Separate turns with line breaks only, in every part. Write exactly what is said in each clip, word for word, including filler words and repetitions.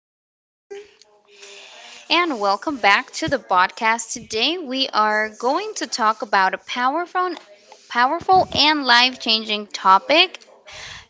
everyone, and welcome back to the podcast. Today, we are going to talk about a powerful, powerful and life changing topic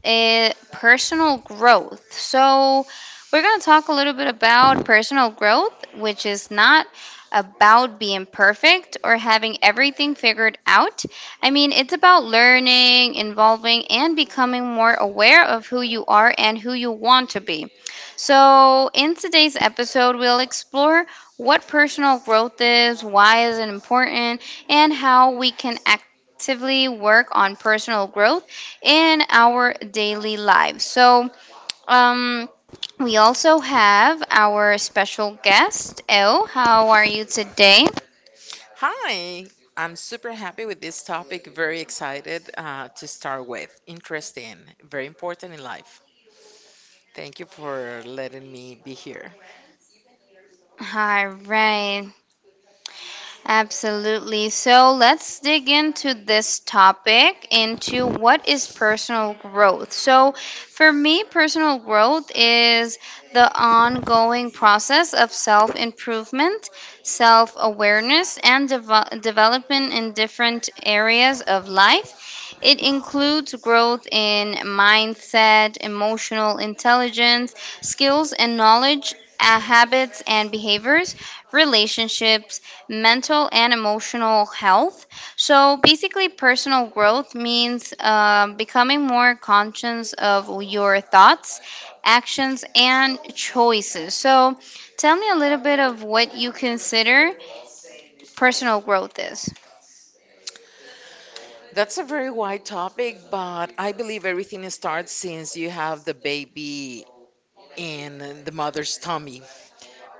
uh, personal growth. So, we're going to talk a little bit about personal growth, which is not about being perfect or having everything figured out. I mean, it's about learning, involving, and becoming more aware of who you are and who you want to be. So, in today's episode, we'll explore what personal growth is, why is it important, and how we can actively work on personal growth in our daily lives. So, um, we also have our special guest, Elle. How are you today?
Hi, I'm super happy with this topic. Very excited uh, to start with. Interesting, very important in life. Thank you for letting me be here.
All right. Absolutely. So let's dig into this topic into what is personal growth. So, for me, personal growth is the ongoing process of self improvement, self awareness, and devel- development in different areas of life. It includes growth in mindset, emotional intelligence, skills and knowledge, uh, habits and behaviors, relationships mental and emotional health. So basically, personal growth means um, becoming more conscious of your thoughts, actions, and choices. So tell me a little bit of what you consider personal growth is.
That's a very wide topic, but I believe everything starts since you have the baby in the mother's tummy.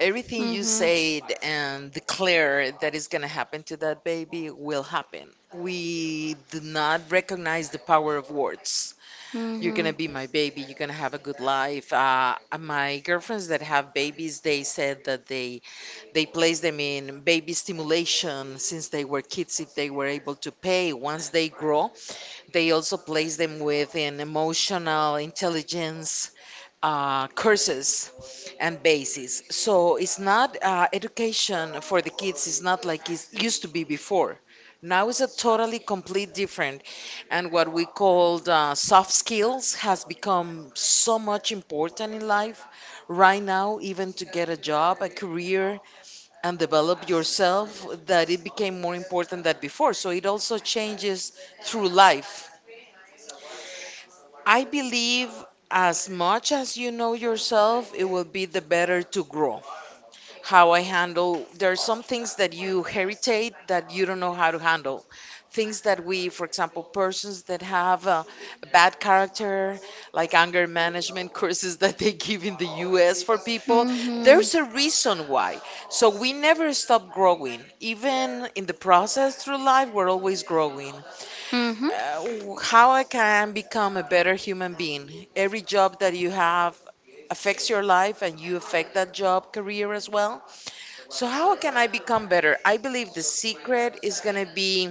Everything you
Mm-hmm.
said and declare that is going to happen to that baby will happen. We do not recognize the power of words. You're going to
Mm-hmm.
be my baby. You're going to have a good life. Uh, uh, my girlfriends that have babies, they said that they they place them in baby stimulation since they were kids if they were able to pay. Once they grow, they also place them with an emotional intelligence uh, courses and bases. So it's not uh, education for the kids is not like it used to be before. Now it's a totally complete different, and what we called uh, soft skills has become so much important in life right now, even to get a job, a career, and develop yourself, that it became more important than before. So it also changes through life. I believe as much as you know yourself, it will be the better to grow. How I handle, there are some things that you heritate that you don't know how to handle. Things that we, for example, persons that have a bad character, like anger management courses that they give in the U S for people, there's a
Mm-hmm.
reason why. So we never stop growing. Even in the process through life, we're always growing
Mm-hmm.
uh, w- how I can become a better human being. Every job that you have affects your life and you affect that job career as well. So, how can I become better? I believe the secret is going to be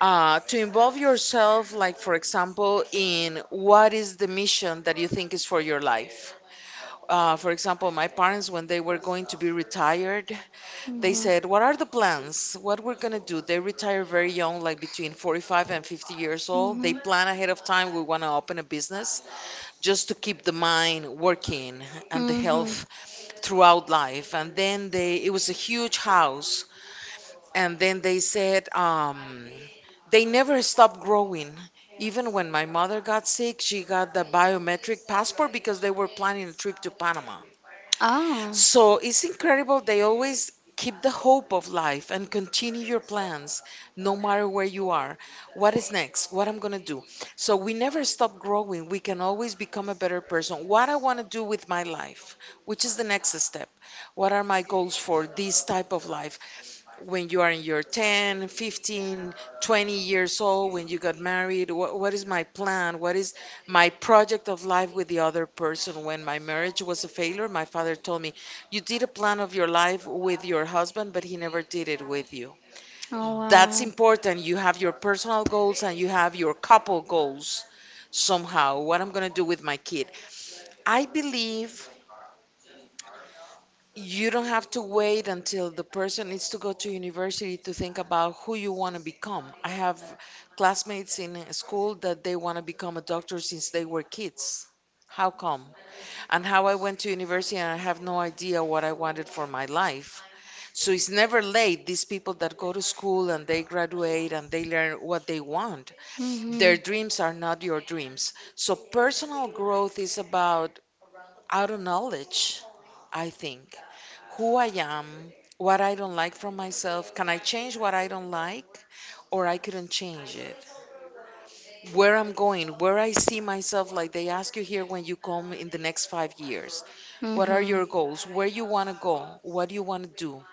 uh, to involve yourself, like, for example, in what is the mission that you think is for your life. Uh, for example, my parents, when they were going to be retired, they
Mm-hmm.
said, "What are the plans? What we're going to do?" They retire very young, like between forty-five and fifty years old. They
Mm-hmm.
plan ahead of time. We want to open a business just to keep the mind working and the
Mm-hmm.
health throughout life. And then they, it was a huge house. And then they said, um, they never stopped growing. Even when my mother got sick, she got the biometric passport because they were planning a trip to Panama.
Oh.
So it's incredible. They always keep the hope of life and continue your plans no matter where you are. What is next? What I'm going to do? So we never stop growing. We can always become a better person. What I want to do with my life, which is the next step. What are my goals for this type of life? When you are in your ten, fifteen, twenty years old, when you got married? What, what is my plan? What is my project of life with the other person? When my marriage was a failure, my father told me, "You did a plan of your life with your husband, but he never did it with you."
Oh
That's
wow.
important. You have your personal goals and you have your couple goals somehow. What I'm going to do with my kid. I believe you don't have to wait until the person needs to go to university to think about who you want to become. I have classmates in uh, school that they want to become a doctor since they were kids. How come? And how I went to university and I have no idea what I wanted for my life. So it's never late. These people that go to school and they graduate and they learn what they want, their
Mm-hmm.
dreams are not your dreams. So personal growth is about out of knowledge, I think. Who I am, what I don't like from myself. Can I change what I don't like? Or I couldn't change it. Where I'm going, where I see myself, like they ask you here when you come in the next five years. What are
Mm-hmm.
your goals? Where you want to go? What do you want to do?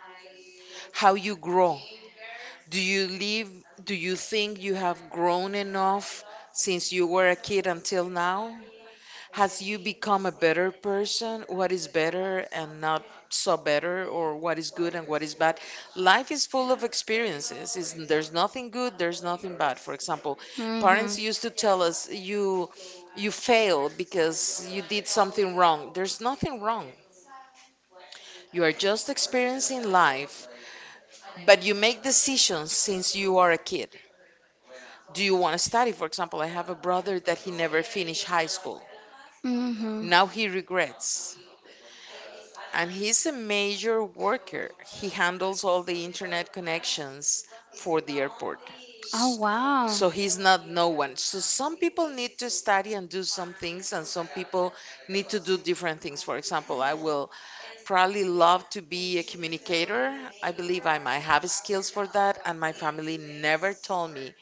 How you grow? Do you live? Do you think you have grown enough since you were a kid until now? Has you become a better person? What is better and not so better, or what is good and what is bad? Life is full of experiences. Is there's nothing good, there's nothing bad. For example,
Mm-hmm.
parents used to tell us you you failed because you did something wrong. There's nothing wrong. You are just experiencing life, but you make decisions since you are a kid. Do you want to study? For example, I have a brother that he never finished high school.
Mm-hmm.
Now he regrets. And he's a major worker. He handles all the internet connections for the airport.
Oh
S-
wow.
So he's not no one. So some people need to study and do some things, and some people need to do different things. For example, I will probably love to be a communicator. I believe I might have skills for that, and my family never told me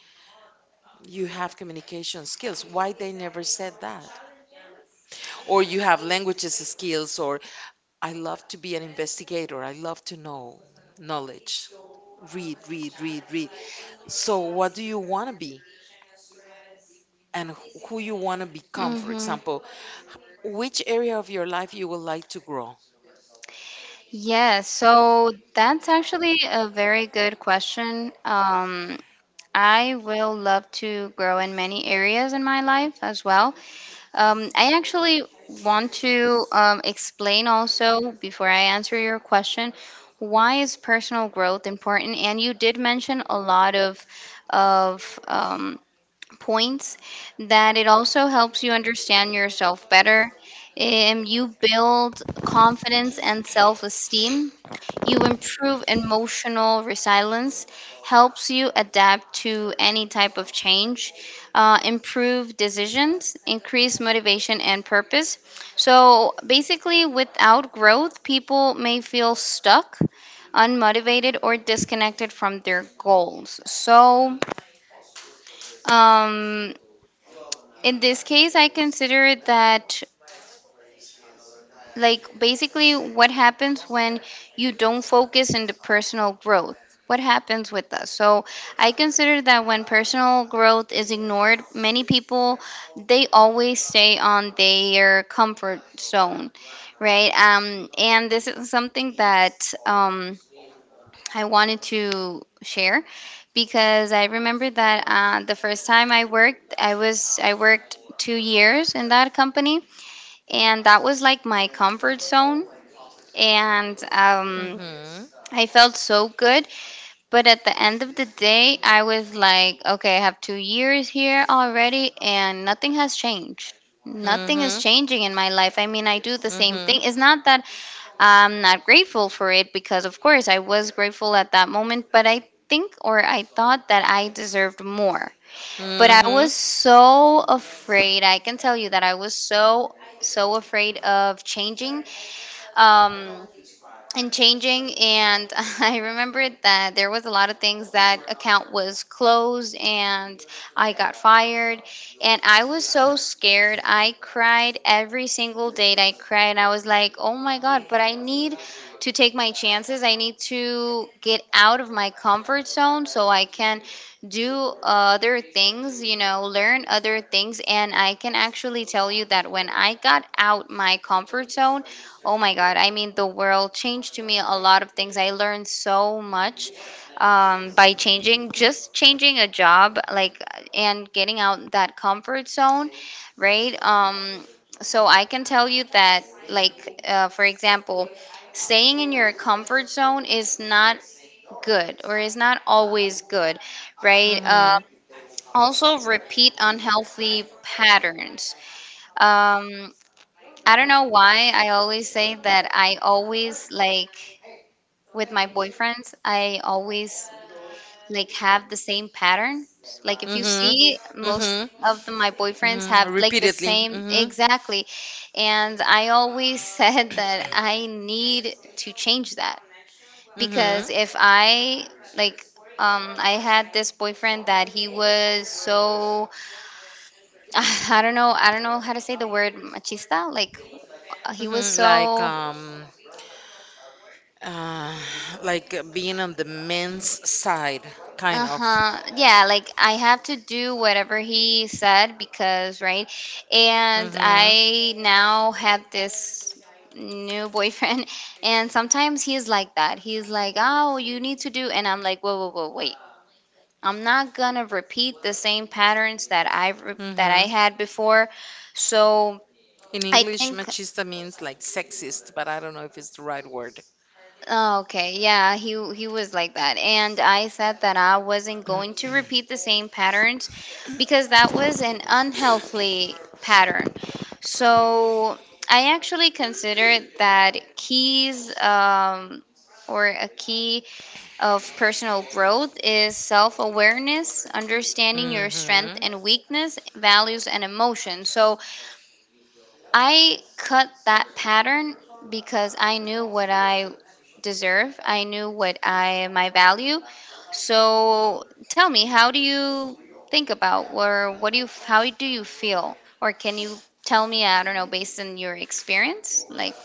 you have communication skills. Why they never said that? Or you have languages skills, or I love to be an investigator. I love to know knowledge. Read, read, read, read. So, what do you want to be and wh- who you want to become, for
Mm-hmm.
example? Which area of your life you would like to grow?
Yes, so that's actually a very good question. Um, I will love to grow in many areas in my life as well. Um, I actually want to um, explain also, before I answer your question, why is personal growth important? And you did mention a lot of of um, points that it also helps you understand yourself better. Um, you build confidence and self esteem. You improve emotional resilience, helps you adapt to any type of change, uh, improve decisions, increase motivation and purpose. So basically, without growth, people may feel stuck, unmotivated, or disconnected from their goals. So, um, in this case, I consider that like basically what happens when you don't focus in the personal growth. What happens with us? So I consider that when personal growth is ignored, many people they always stay on their comfort zone, right? Um, and this is something that um, I wanted to share because I remember that uh, the first time I worked, I was I worked two years in that company and that was like my comfort zone and um,
Mm-hmm.
I felt so good but at the end of the day I was like okay I have two years here already and nothing has changed nothing is
Mm-hmm.
changing in my life I mean I do the same thing
Mm-hmm.
it's not that I'm not grateful for it because, of course, I was grateful at that moment, but I think or I thought that I deserved more. But I
Mm-hmm.
was so afraid. I can tell you that I was so so afraid of changing. Um, and changing and I remembered that there was a lot of things that account was closed and I got fired and I was so scared I cried every single date I cried I was like oh my god but I need to take my chances I need to get out of my comfort zone so I can do other things you know learn other things and I can actually tell you that when I got out my comfort zone Oh my God. I mean, the world changed to me a lot of things. I learned so much um, by changing, just changing a job, like, and getting out that comfort zone, right? Um, so I can tell you that, like, uh, for example, staying in your comfort zone is not good or is not always good, right? Uh,
Mm-hmm.
also, repeat unhealthy patterns. Um, I don't know why I always say that I always like with my boyfriends, I always like have the same patterns. Like if you see
Mm-hmm.
most of
Mm-hmm.
the, my boyfriends have
Mm-hmm.
like the
Repeatedly.
same
Mm-hmm.
exactly. And I always said that I need to change that because
Mm-hmm.
if I Like um I had this boyfriend that he was so I don't know I don't know how to say the word machista like he was
Mm-hmm. Like
so
um uh like uh, Being on the men's side, kind of.
Uh-huh. Yeah, like I have to do whatever he said because, right? And
Mm-hmm.
I now have this new boyfriend and sometimes he's like that. He's like, "Oh, you need to do." And I'm like, "Whoa, whoa, whoa, wait. I'm not gonna repeat the same patterns that I have that I
Mm-hmm.
had before." So,
In
I
English,
think
machista means like sexist, but I don't know if it's the right word.
Oh, okay. Yeah, he he was like that. And I said that I wasn't going to repeat the same patterns because that was an unhealthy pattern. So I actually considered that keys um, or a key of personal growth is self awareness, understanding your strength
Mm-hmm.
and weakness, values and emotions. So I cut that pattern because I knew what I deserve. I knew what I my value. So tell me, how do you think about or what do you how do you feel or can you tell me, I don't know, based on your experience, like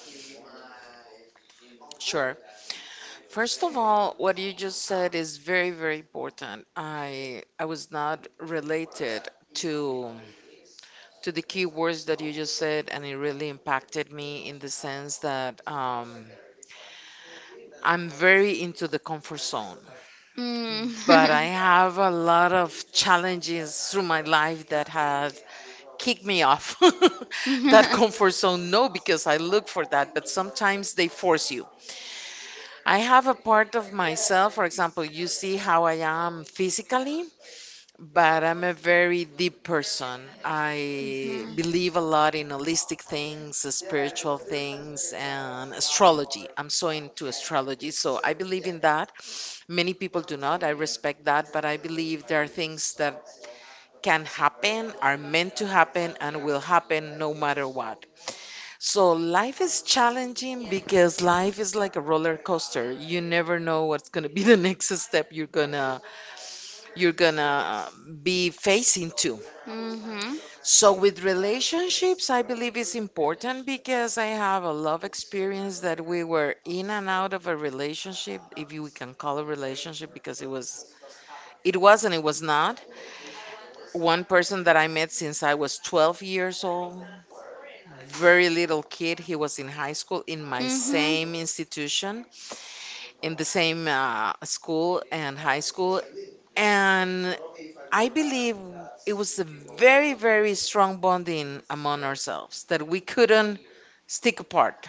Sure. First of all, what you just said is very, very important. I I was not related to to the key words that you just said, and it really impacted me in the sense that um, I'm very into the comfort zone,
mm.
but I have a lot of challenges through my life that have kick me off that
Mhm.
comfort zone. No, because I look for that, but sometimes they force you. I have a part of myself, for example, you see how I am physically, but I'm a very deep person. I believe a lot in holistic things, spiritual things, and astrology. I'm so into astrology, so I believe in that. Many people do not. I respect that, but I believe there are things that can happen, are meant to happen, and will happen no matter what. So life is challenging because life is like a roller coaster. You never know what's gonna be the next step you're gonna you're gonna uh, be facing too.
Mhm.
So with relationships, I believe it's important because I have a love experience that we were in and out of a relationship, if you can call a relationship, because it was it was and it was not. One person that I met since I was twelve years old, very little kid. He was in high school in my
Mhm.
same institution, in the same uh, school and high school. And I believe it was a very, very strong bonding among ourselves that we couldn't stick apart.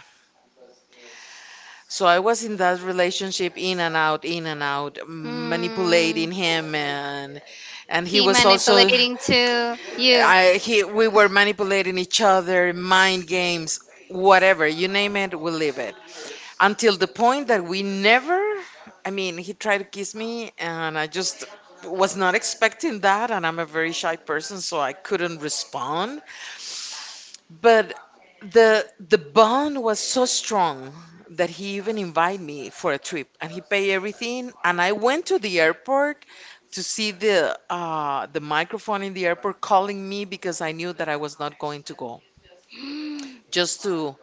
So I was in that relationship in and out, in and out,
Mm.
manipulating him and and he
He
was also.
manipulating to you.
I he We were manipulating each other, mind games, whatever, you name it, we live it. Until the point that we never, I mean, he tried to kiss me and I just was not expecting that, and I'm a very shy person, so I couldn't respond. But the the bond was so strong that he even invited me for a trip and he paid everything, and I went to the airport to see the uh, the microphone in the airport calling me because I knew that I was not going to go, just to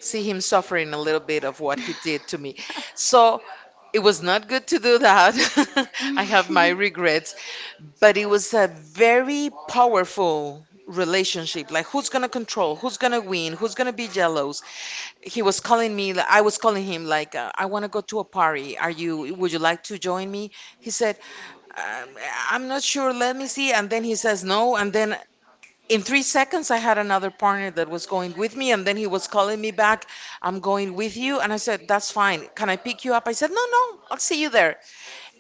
see him suffering a little bit of what he did to me. So it was not good to do that. I have my regrets, but it was a very powerful relationship. Like, who's gonna control? Who's gonna win? Who's gonna be jealous? He was calling me, like, I was calling him, like, uh, I want to go to a party. Are you? Would you like to join me? He said, um, I'm not sure. Let me see. And then he says no. And then. In three seconds, I had another partner that was going with me, and then he was calling me back. I'm going with you. And I said, That's fine. Can I pick you up? I said, No, no, I'll see you there.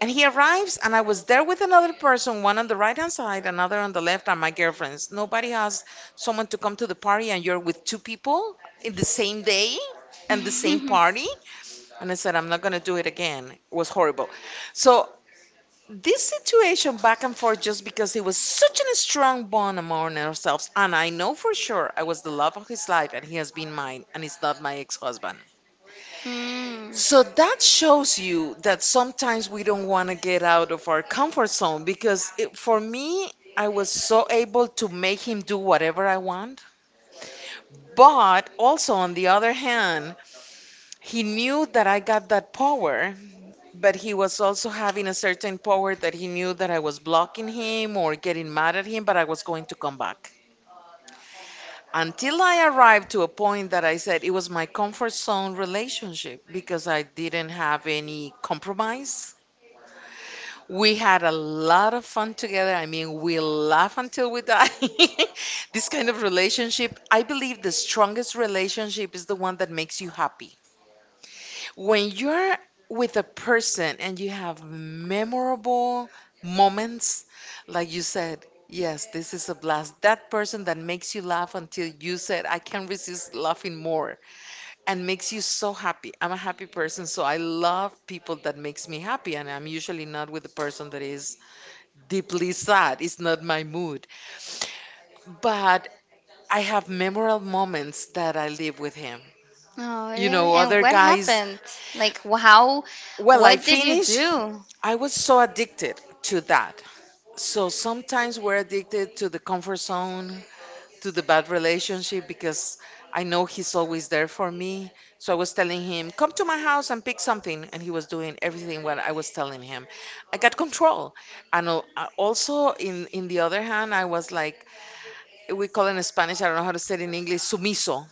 And he arrives, and I was there with another person, one on the right hand side, another on the left, and my girlfriends. Nobody has someone to come to the party, and you're with two people in the same day and the same party. And I said, I'm not going to do it again. It was horrible. So, this situation back and forth, just because it was such a strong bond among ourselves. And I know for sure I was the love of his life, and he has been mine, and he's not my ex husband.
Hmm.
So that shows you that sometimes we don't want to get out of our comfort zone because it, for me, I was so able to make him do whatever I want. But also, on the other hand, he knew that I got that power, but he was also having a certain power that he knew that I was blocking him or getting mad at him, but I was going to come back. Until I arrived to a point that I said it was my comfort zone relationship because I didn't have any compromise. We had a lot of fun together. I mean, we laugh until we die. This kind of relationship, I believe the strongest relationship is the one that makes you happy. When you're with a person and you have memorable moments, like you said, yes, this is a blast. That person that makes you laugh until you said, I can't resist laughing more and makes you so happy. I'm a happy person, so I love people that makes me happy, and I'm usually not with the person that is deeply sad is not my mood. But I have memorable moments that I live with him.
Oh,
You
really?
know,
And
other
what
guys,
happened? Like, wh- how?
well, I
What did you
finish,
do?
I was so addicted to that. So sometimes we're addicted to the comfort zone, to the bad relationship because I know he's always there for me. So I was telling him, come to my house and pick something. And he was doing everything what I was telling him. I got control. And al- uh, also, in, in the other hand, I was like, we call it in Spanish, I don't know how to say it in English, sumiso.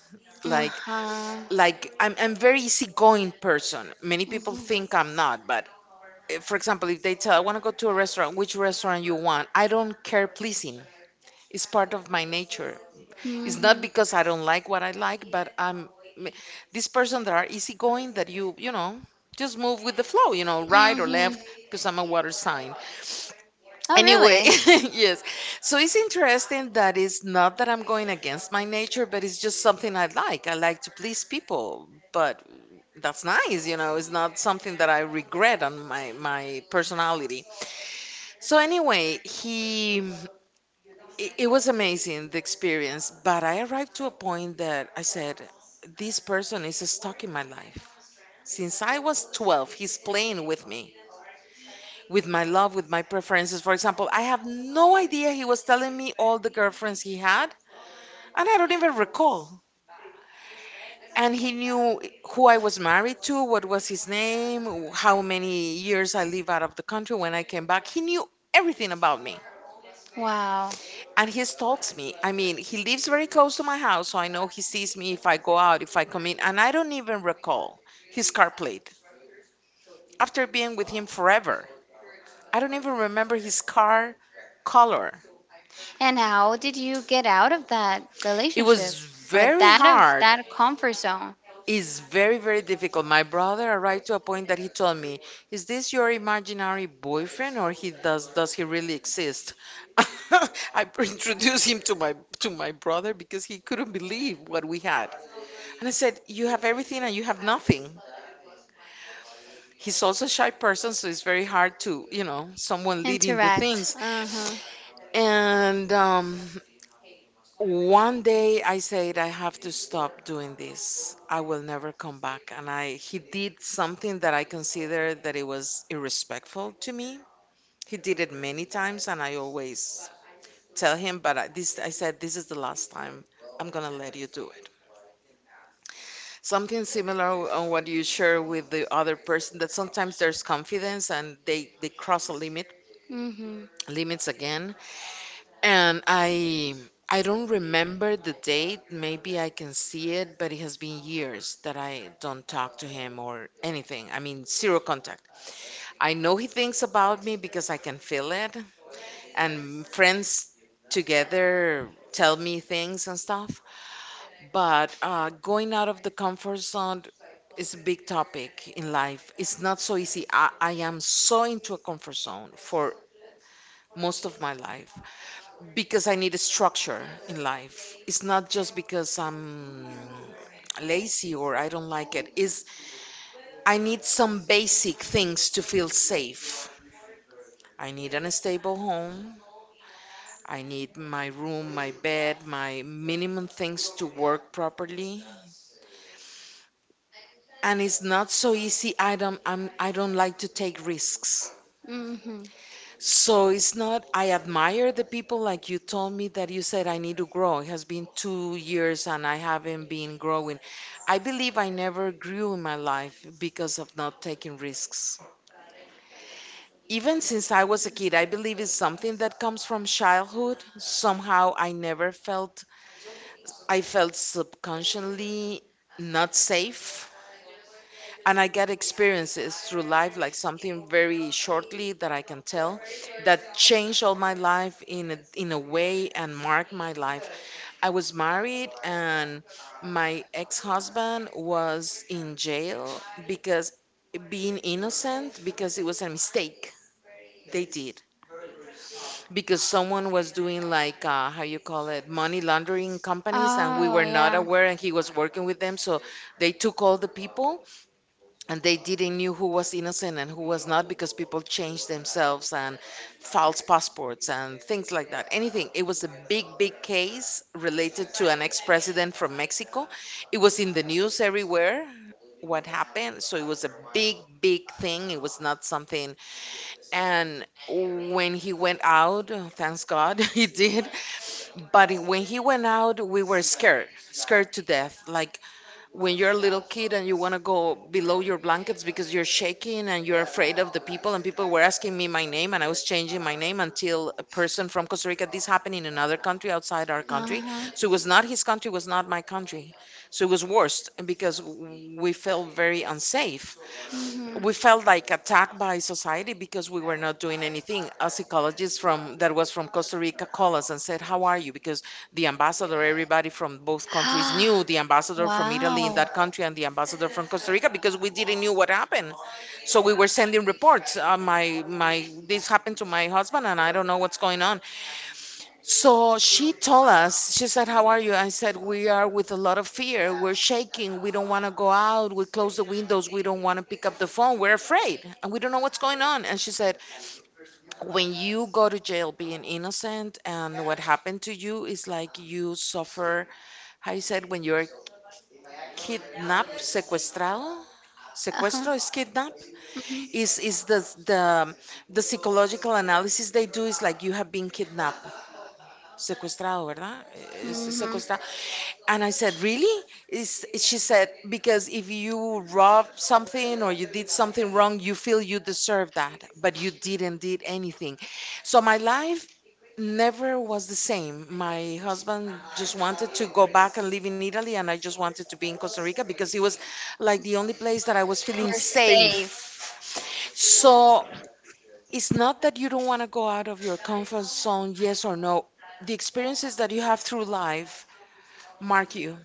Uh
Like,
huh.
like I'm, I'm very easygoing person. Many people
Mhm.
think I'm not, but eh, for example, if they tell I want to go to a restaurant, which restaurant you want, I don't care pleasing. It's part of my nature. It's not
Mhm.
because I don't like what I like, but I'm m- this person that are easygoing that you, you know, just move with the flow, you know, right or
Mhm.
left, because I'm a water sign.
Oh,
Anyway,
really?
yes. So it's interesting that it's not that I'm going against my nature, but it's just something I like. I like to please people, but that's nice, you know, it's not something that I regret on my my personality. So anyway, he it, it was amazing the experience, but I arrived to a point that I said, this person is stuck in my life. Since I was twelve, he's playing with me with my love, with my preferences. For example, I have no idea he was telling me all the girlfriends he had, and I don't even recall. And he knew who I was married to, what was his name, how many years I live out of the country when I came back. He knew everything about me.
Wow.
And he stalks me. I mean, he lives very close to my house, so I know he sees me if I go out, if I come in, and I don't even recall his car plate after being with him forever. I don't even remember his car color.
And how did you get out of that
It
relationship
was
or
very
that of
hard.
that comfort zone?
It's very, very difficult. My brother arrived to a point that he told me, "Is this your imaginary boyfriend, or he does does he really exist?" I introduced him to my to my brother because he couldn't believe what we had. And I said, "You have everything and you have nothing." He's also a shy person, so it's very hard to, you know, someone leading the
Interact.
things.
Uh huh.
And um, One day I said, I have to stop doing this. I will never come back. And I, he did something that I considered that it was irrespectful to me. He did it many times, and I always tell him, but I, this, I said, this is the last time I'm gonna let you do it. Something similar on what you share with the other person that sometimes there's confidence and they, they cross a limit,
Mhm.
limits again. And I I don't remember the date. Maybe I can see it, but it has been years that I don't talk to him or anything. I mean, zero contact. I know he thinks about me because I can feel it, and friends together tell me things and stuff. But uh, going out of the comfort zone is a big topic in life. It's not so easy. I, I am so into a comfort zone for most of my life because I need a structure in life. It's not just because I'm lazy or I don't like it. Is I need some basic things to feel safe. I need an stable home. I need my room, my bed, my minimum things to work properly. And it's not so easy. I don't I'm I don't like to take risks.
Mhm.
So it's not, I admire the people like you told me that you said I need to grow. It has been two years and I haven't been growing. I believe I never grew in my life because of not taking risks. Even since I was a kid, I believe it's something that comes from childhood. Somehow I never felt, I felt subconsciously not safe and I get experiences through life, like something very shortly that I can tell, that changed all my life in a, in a way and marked my life. I was married, and my ex-husband was in jail because being innocent because it was a mistake they did because someone was doing like uh, how you call it money laundering companies, and we
Oh,
were not
yeah.
aware and he was working with them. So they took all the people and they didn't knew who was innocent and who was not because people changed themselves and false passports and things like that, anything. It was a big big case related to an ex-president from Mexico. It was in the news everywhere what happened. So it was a big big thing. It was not something. And when he went out, thanks God, he did. But when he went out, we were scared scared to death, like when you're a little kid and you want to go below your blankets because you're shaking and you're afraid of the people. And people were asking me my name, and I was changing my name until a person from Costa Rica. This happened in another country, outside our
Uh
country.
huh.
So it was not his country, it was not my country. So it was worst because we felt very unsafe. We
Mhm.
felt like attacked by society because we were not doing anything. A psychologist from that was from Costa Rica called us and said, "How are you?" Because the ambassador, everybody from both countries knew the ambassador from Italy in
wow.
that country and the ambassador from Costa Rica because we didn't knew what happened. So we were sending reports. Uh, my my this happened to my husband and I don't know what's going on. So she told us, she said, How are you? I said, We are with a lot of fear. We're shaking. We don't want to go out. We close the windows. We don't want to pick up the phone. We're afraid and we don't know what's going on. And she said, When you go to jail being innocent and what happened to you is like you suffer, how you said, when you're kidnapped, secuestrado.
Uh huh.
Sequestro is kidnap.
Mhm.
Is is the the the psychological analysis they do is like you have been kidnapped, secuestrado, ¿verdad? Es-
Mhm.
Secuestrado. And I said, Really? Is, she said, Because if you robbed something or you did something wrong, you feel you deserve that, but you didn't did anything. So my life never was the same. My husband just wanted to go back and live in Italy, and I just wanted to be in Costa Rica because it was like the only place that I was feeling
We're safe.
safe. So it's not that you don't want to go out of your comfort zone, yes or no. The experiences that you have through life mark you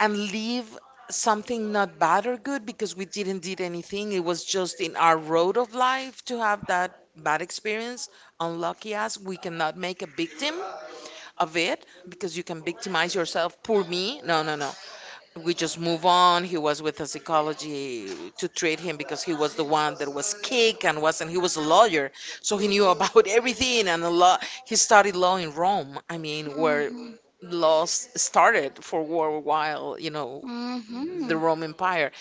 and leave something not bad or good because we didn't did anything. It was just in our road of life to have that bad experience. Unlucky us, we cannot make a victim of it because you can victimize yourself. Poor me. No, no, no. We just move on. He was with a psychology to treat him because he was the one that was kicked and wasn't. He was a lawyer, so he knew about everything and a lot. He studied law in Rome. I mean, where
Mm-hmm.
laws started for a while, you know, the
Mm-hmm.
Roman Empire.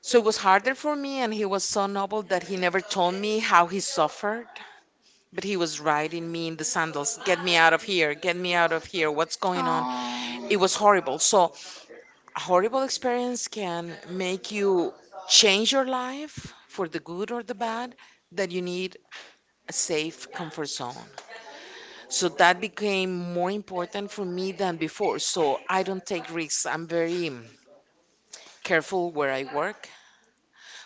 So it was harder for me, and he was so noble that he never told me how he suffered. But he was riding me in the sandals. Get me out of here. Get me out of here. What's going on? It was
Oh.
horrible. So a horrible experience can make you change your life for the good or the bad, that you need a safe comfort zone. So that became more important for me than before. So I don't take risks. I'm very careful where I work,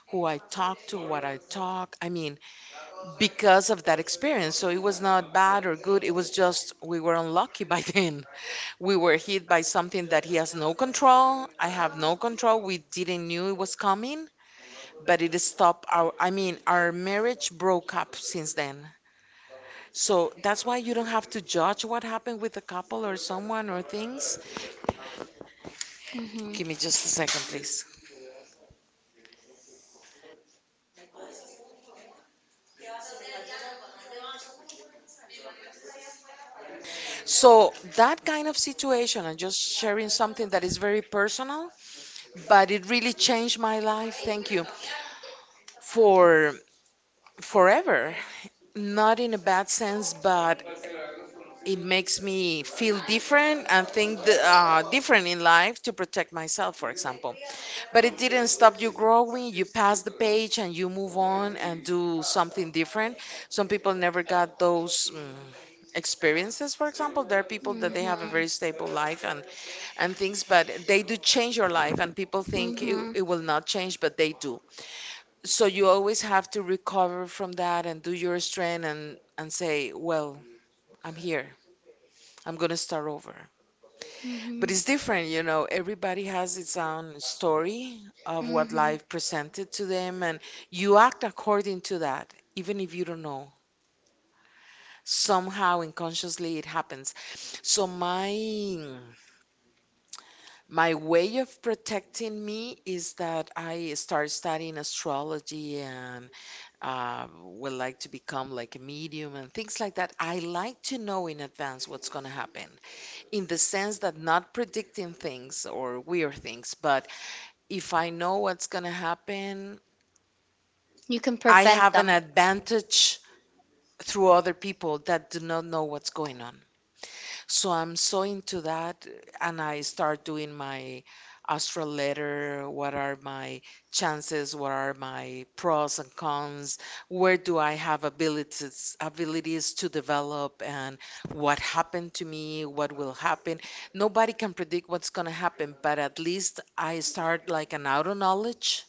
who I talk to, what I talk. I mean, because of that experience. So it was not bad or good. It was just we were unlucky by then. We were hit by something that he has no control. I have no control. We didn't knew it was coming, but it stopped our, I mean, our marriage broke up since then. So that's why you don't have to judge what happened with a couple or someone or things.
Mm-hmm.
Give me just a second, please. So that kind of situation, and just sharing something that is very personal, but it really changed my life, thank you, for forever, not in a bad sense, but it makes me feel different and think th- uh, different in life, to protect myself, for example. But it didn't stop you growing. You pass the page and you move on and do something different. Some people never got those mm, experiences. For example, there are people that they have a
Mm-hmm.
very stable life and and things, but they do change your life. And people think it,
Mm-hmm.
it will not change, but they do. So you always have to recover from that and do your strength and and say, well, I'm here. I'm gonna start over. But
Mm-hmm.
it's different, you know. Everybody has its own story of what
Mm-hmm.
life presented to them, and you act according to that, even if you don't know. Somehow unconsciously it happens. So my my way of protecting me is that I start studying astrology and uh, would like to become like a medium and things like that. I like to know in advance what's going to happen, in the sense that not predicting things or weird things, but if I know what's going to happen,
You can
I
prevent
have an
them.
advantage through other people that do not know what's going on. So I'm so into that, and I start doing my astral letter. What are my chances? What are my pros and cons? Where do I have abilities abilities to develop? And what happened to me? What will happen? Nobody can predict what's gonna happen, but at least I start like an auto knowledge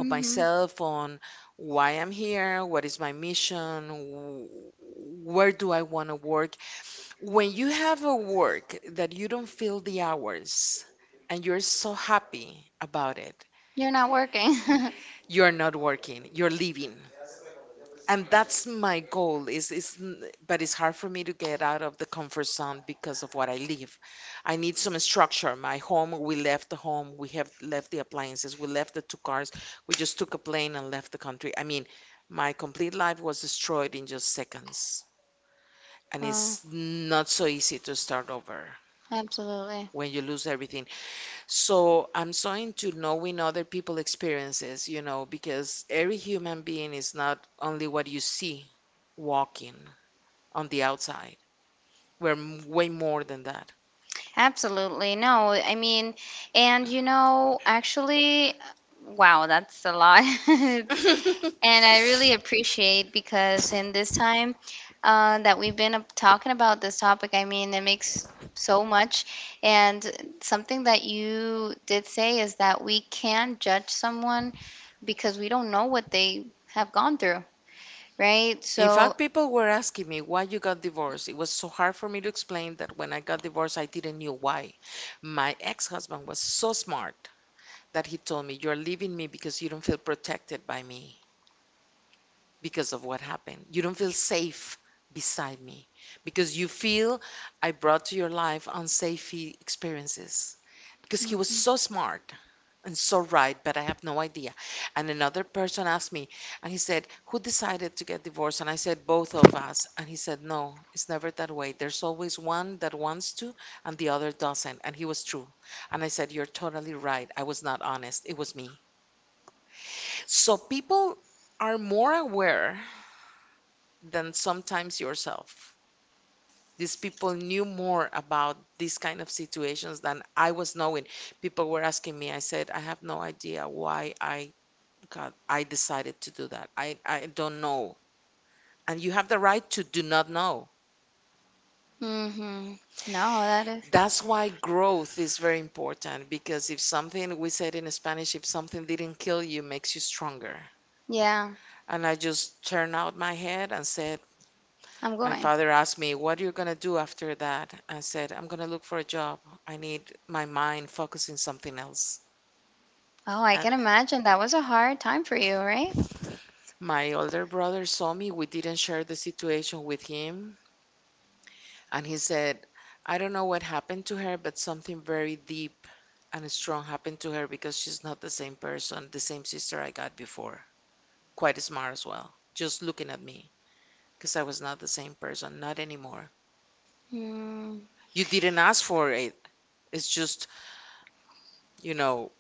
of myself on why I'm here, what is my mission, wh- where do I want to work. When you have a work that you don't feel the hours and you're so happy about it,
You're not working.
you're not working, you're living. And that's my goal, is is n- but it's hard for me to get out of the comfort zone because of what I live. I need some structure. My home, we left the home, we have left the appliances, we left the two cars, we just took a plane and left the country. I mean, my complete life was destroyed in just seconds. And
oh,
it's not so easy to start over
absolutely.
when you lose everything. So I'm so into knowing other people' experiences, you know, because every human being is not only what you see walking on the outside. We're m- way more than that.
Absolutely. No, I mean, and you know, actually, wow, that's a lot. And I really appreciate because in this time uh, that we've been up- talking about this topic, I mean, it makes so much. And something that you did say is that we can judge someone because we don't know what they have gone through, right?
In
So,
fact, people were asking me, why you got divorced. It was so hard for me to explain that when I got divorced, I didn't know why. My ex-husband was so smart that he told me, you're leaving me because you don't feel protected by me, because of what happened. You don't feel safe beside me because you feel I brought to your life unsafe experiences. Because he was so smart and so right, but I have no idea. And another person asked me, and he said, who decided to get divorced? And I said, both of us. And he said, no, it's never that way. There's always one that wants to and the other doesn't. And he was true. And I said, you're totally right. I was not honest. It was me. So people are more aware than sometimes yourself. These people knew more about these kind of situations than I was knowing. People were asking me, I said, I have no idea why I got, I decided to do that. I, I don't know. And you have the right to do not know.
hmm no, that is,
That's why growth is very important, because if something, we said in Spanish, if something didn't kill you, makes you stronger.
yeah,
And I just turned out my head and said,
I'm
my
going.
father asked me, what are you going to do after that? I said, I'm going to look for a job. I need my mind focusing something else.
Oh, I
Uh,
can imagine that was a hard time for you, right?
my older brother saw me. We didn't share the situation with him. And he said, I don't know what happened to her, but something very deep and strong happened to her, because she's not the same person, the same sister I got before. Quite smart as well, just looking at me because I was not the same person, not anymore.
Mm,
You didn't ask for it. It's just, you know,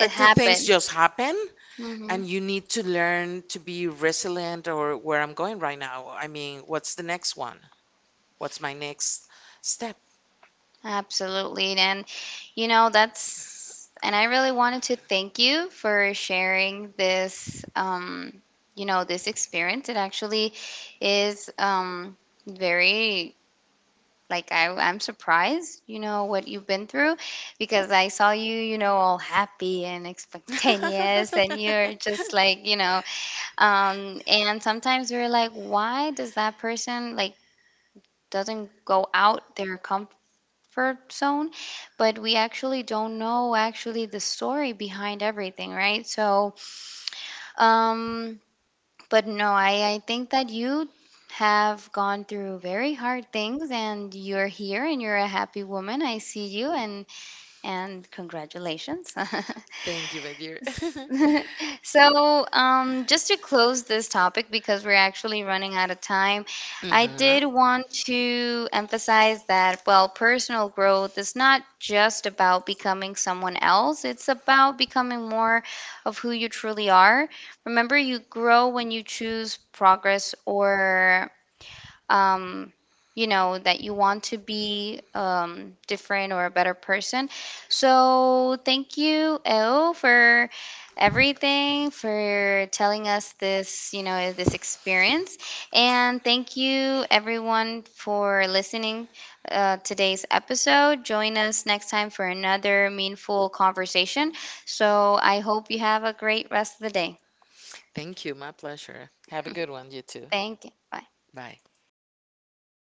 it
things
happened.
just happen,
Hmm
and you need to learn to be resilient, or where I'm going right now. I mean, what's the next one? What's my next step?
Absolutely. And, you know, that's, and I really wanted to thank you for sharing this, um, you know, this experience. It actually is um, very like I, I'm surprised you know what you've been through because I saw you you know all happy and spontaneous and you're just like you know um and sometimes we're like why does that person like doesn't go out their comfort zone but we actually don't know actually the story behind everything right so um but no, I, I think that you have gone through very hard things and you're here and you're a happy woman. I see you and and congratulations.
Thank you, my dear.
So, um, just to close this topic, because we're actually running out of time, I
Hmm.
did want to emphasize that, well, personal growth is not just about becoming someone else, it's about becoming more of who you truly are. Remember, you grow when you choose progress or um, you know, that you want to be um, different or a better person. So, thank you, El, for everything, for telling us this, you know, this experience. And thank you, everyone, for listening uh, today's episode. Join us next time for another meaningful conversation. So, I hope you have a great rest of the day.
Thank you. My pleasure. Have a good one, you too.
Thank you. Bye.
Bye.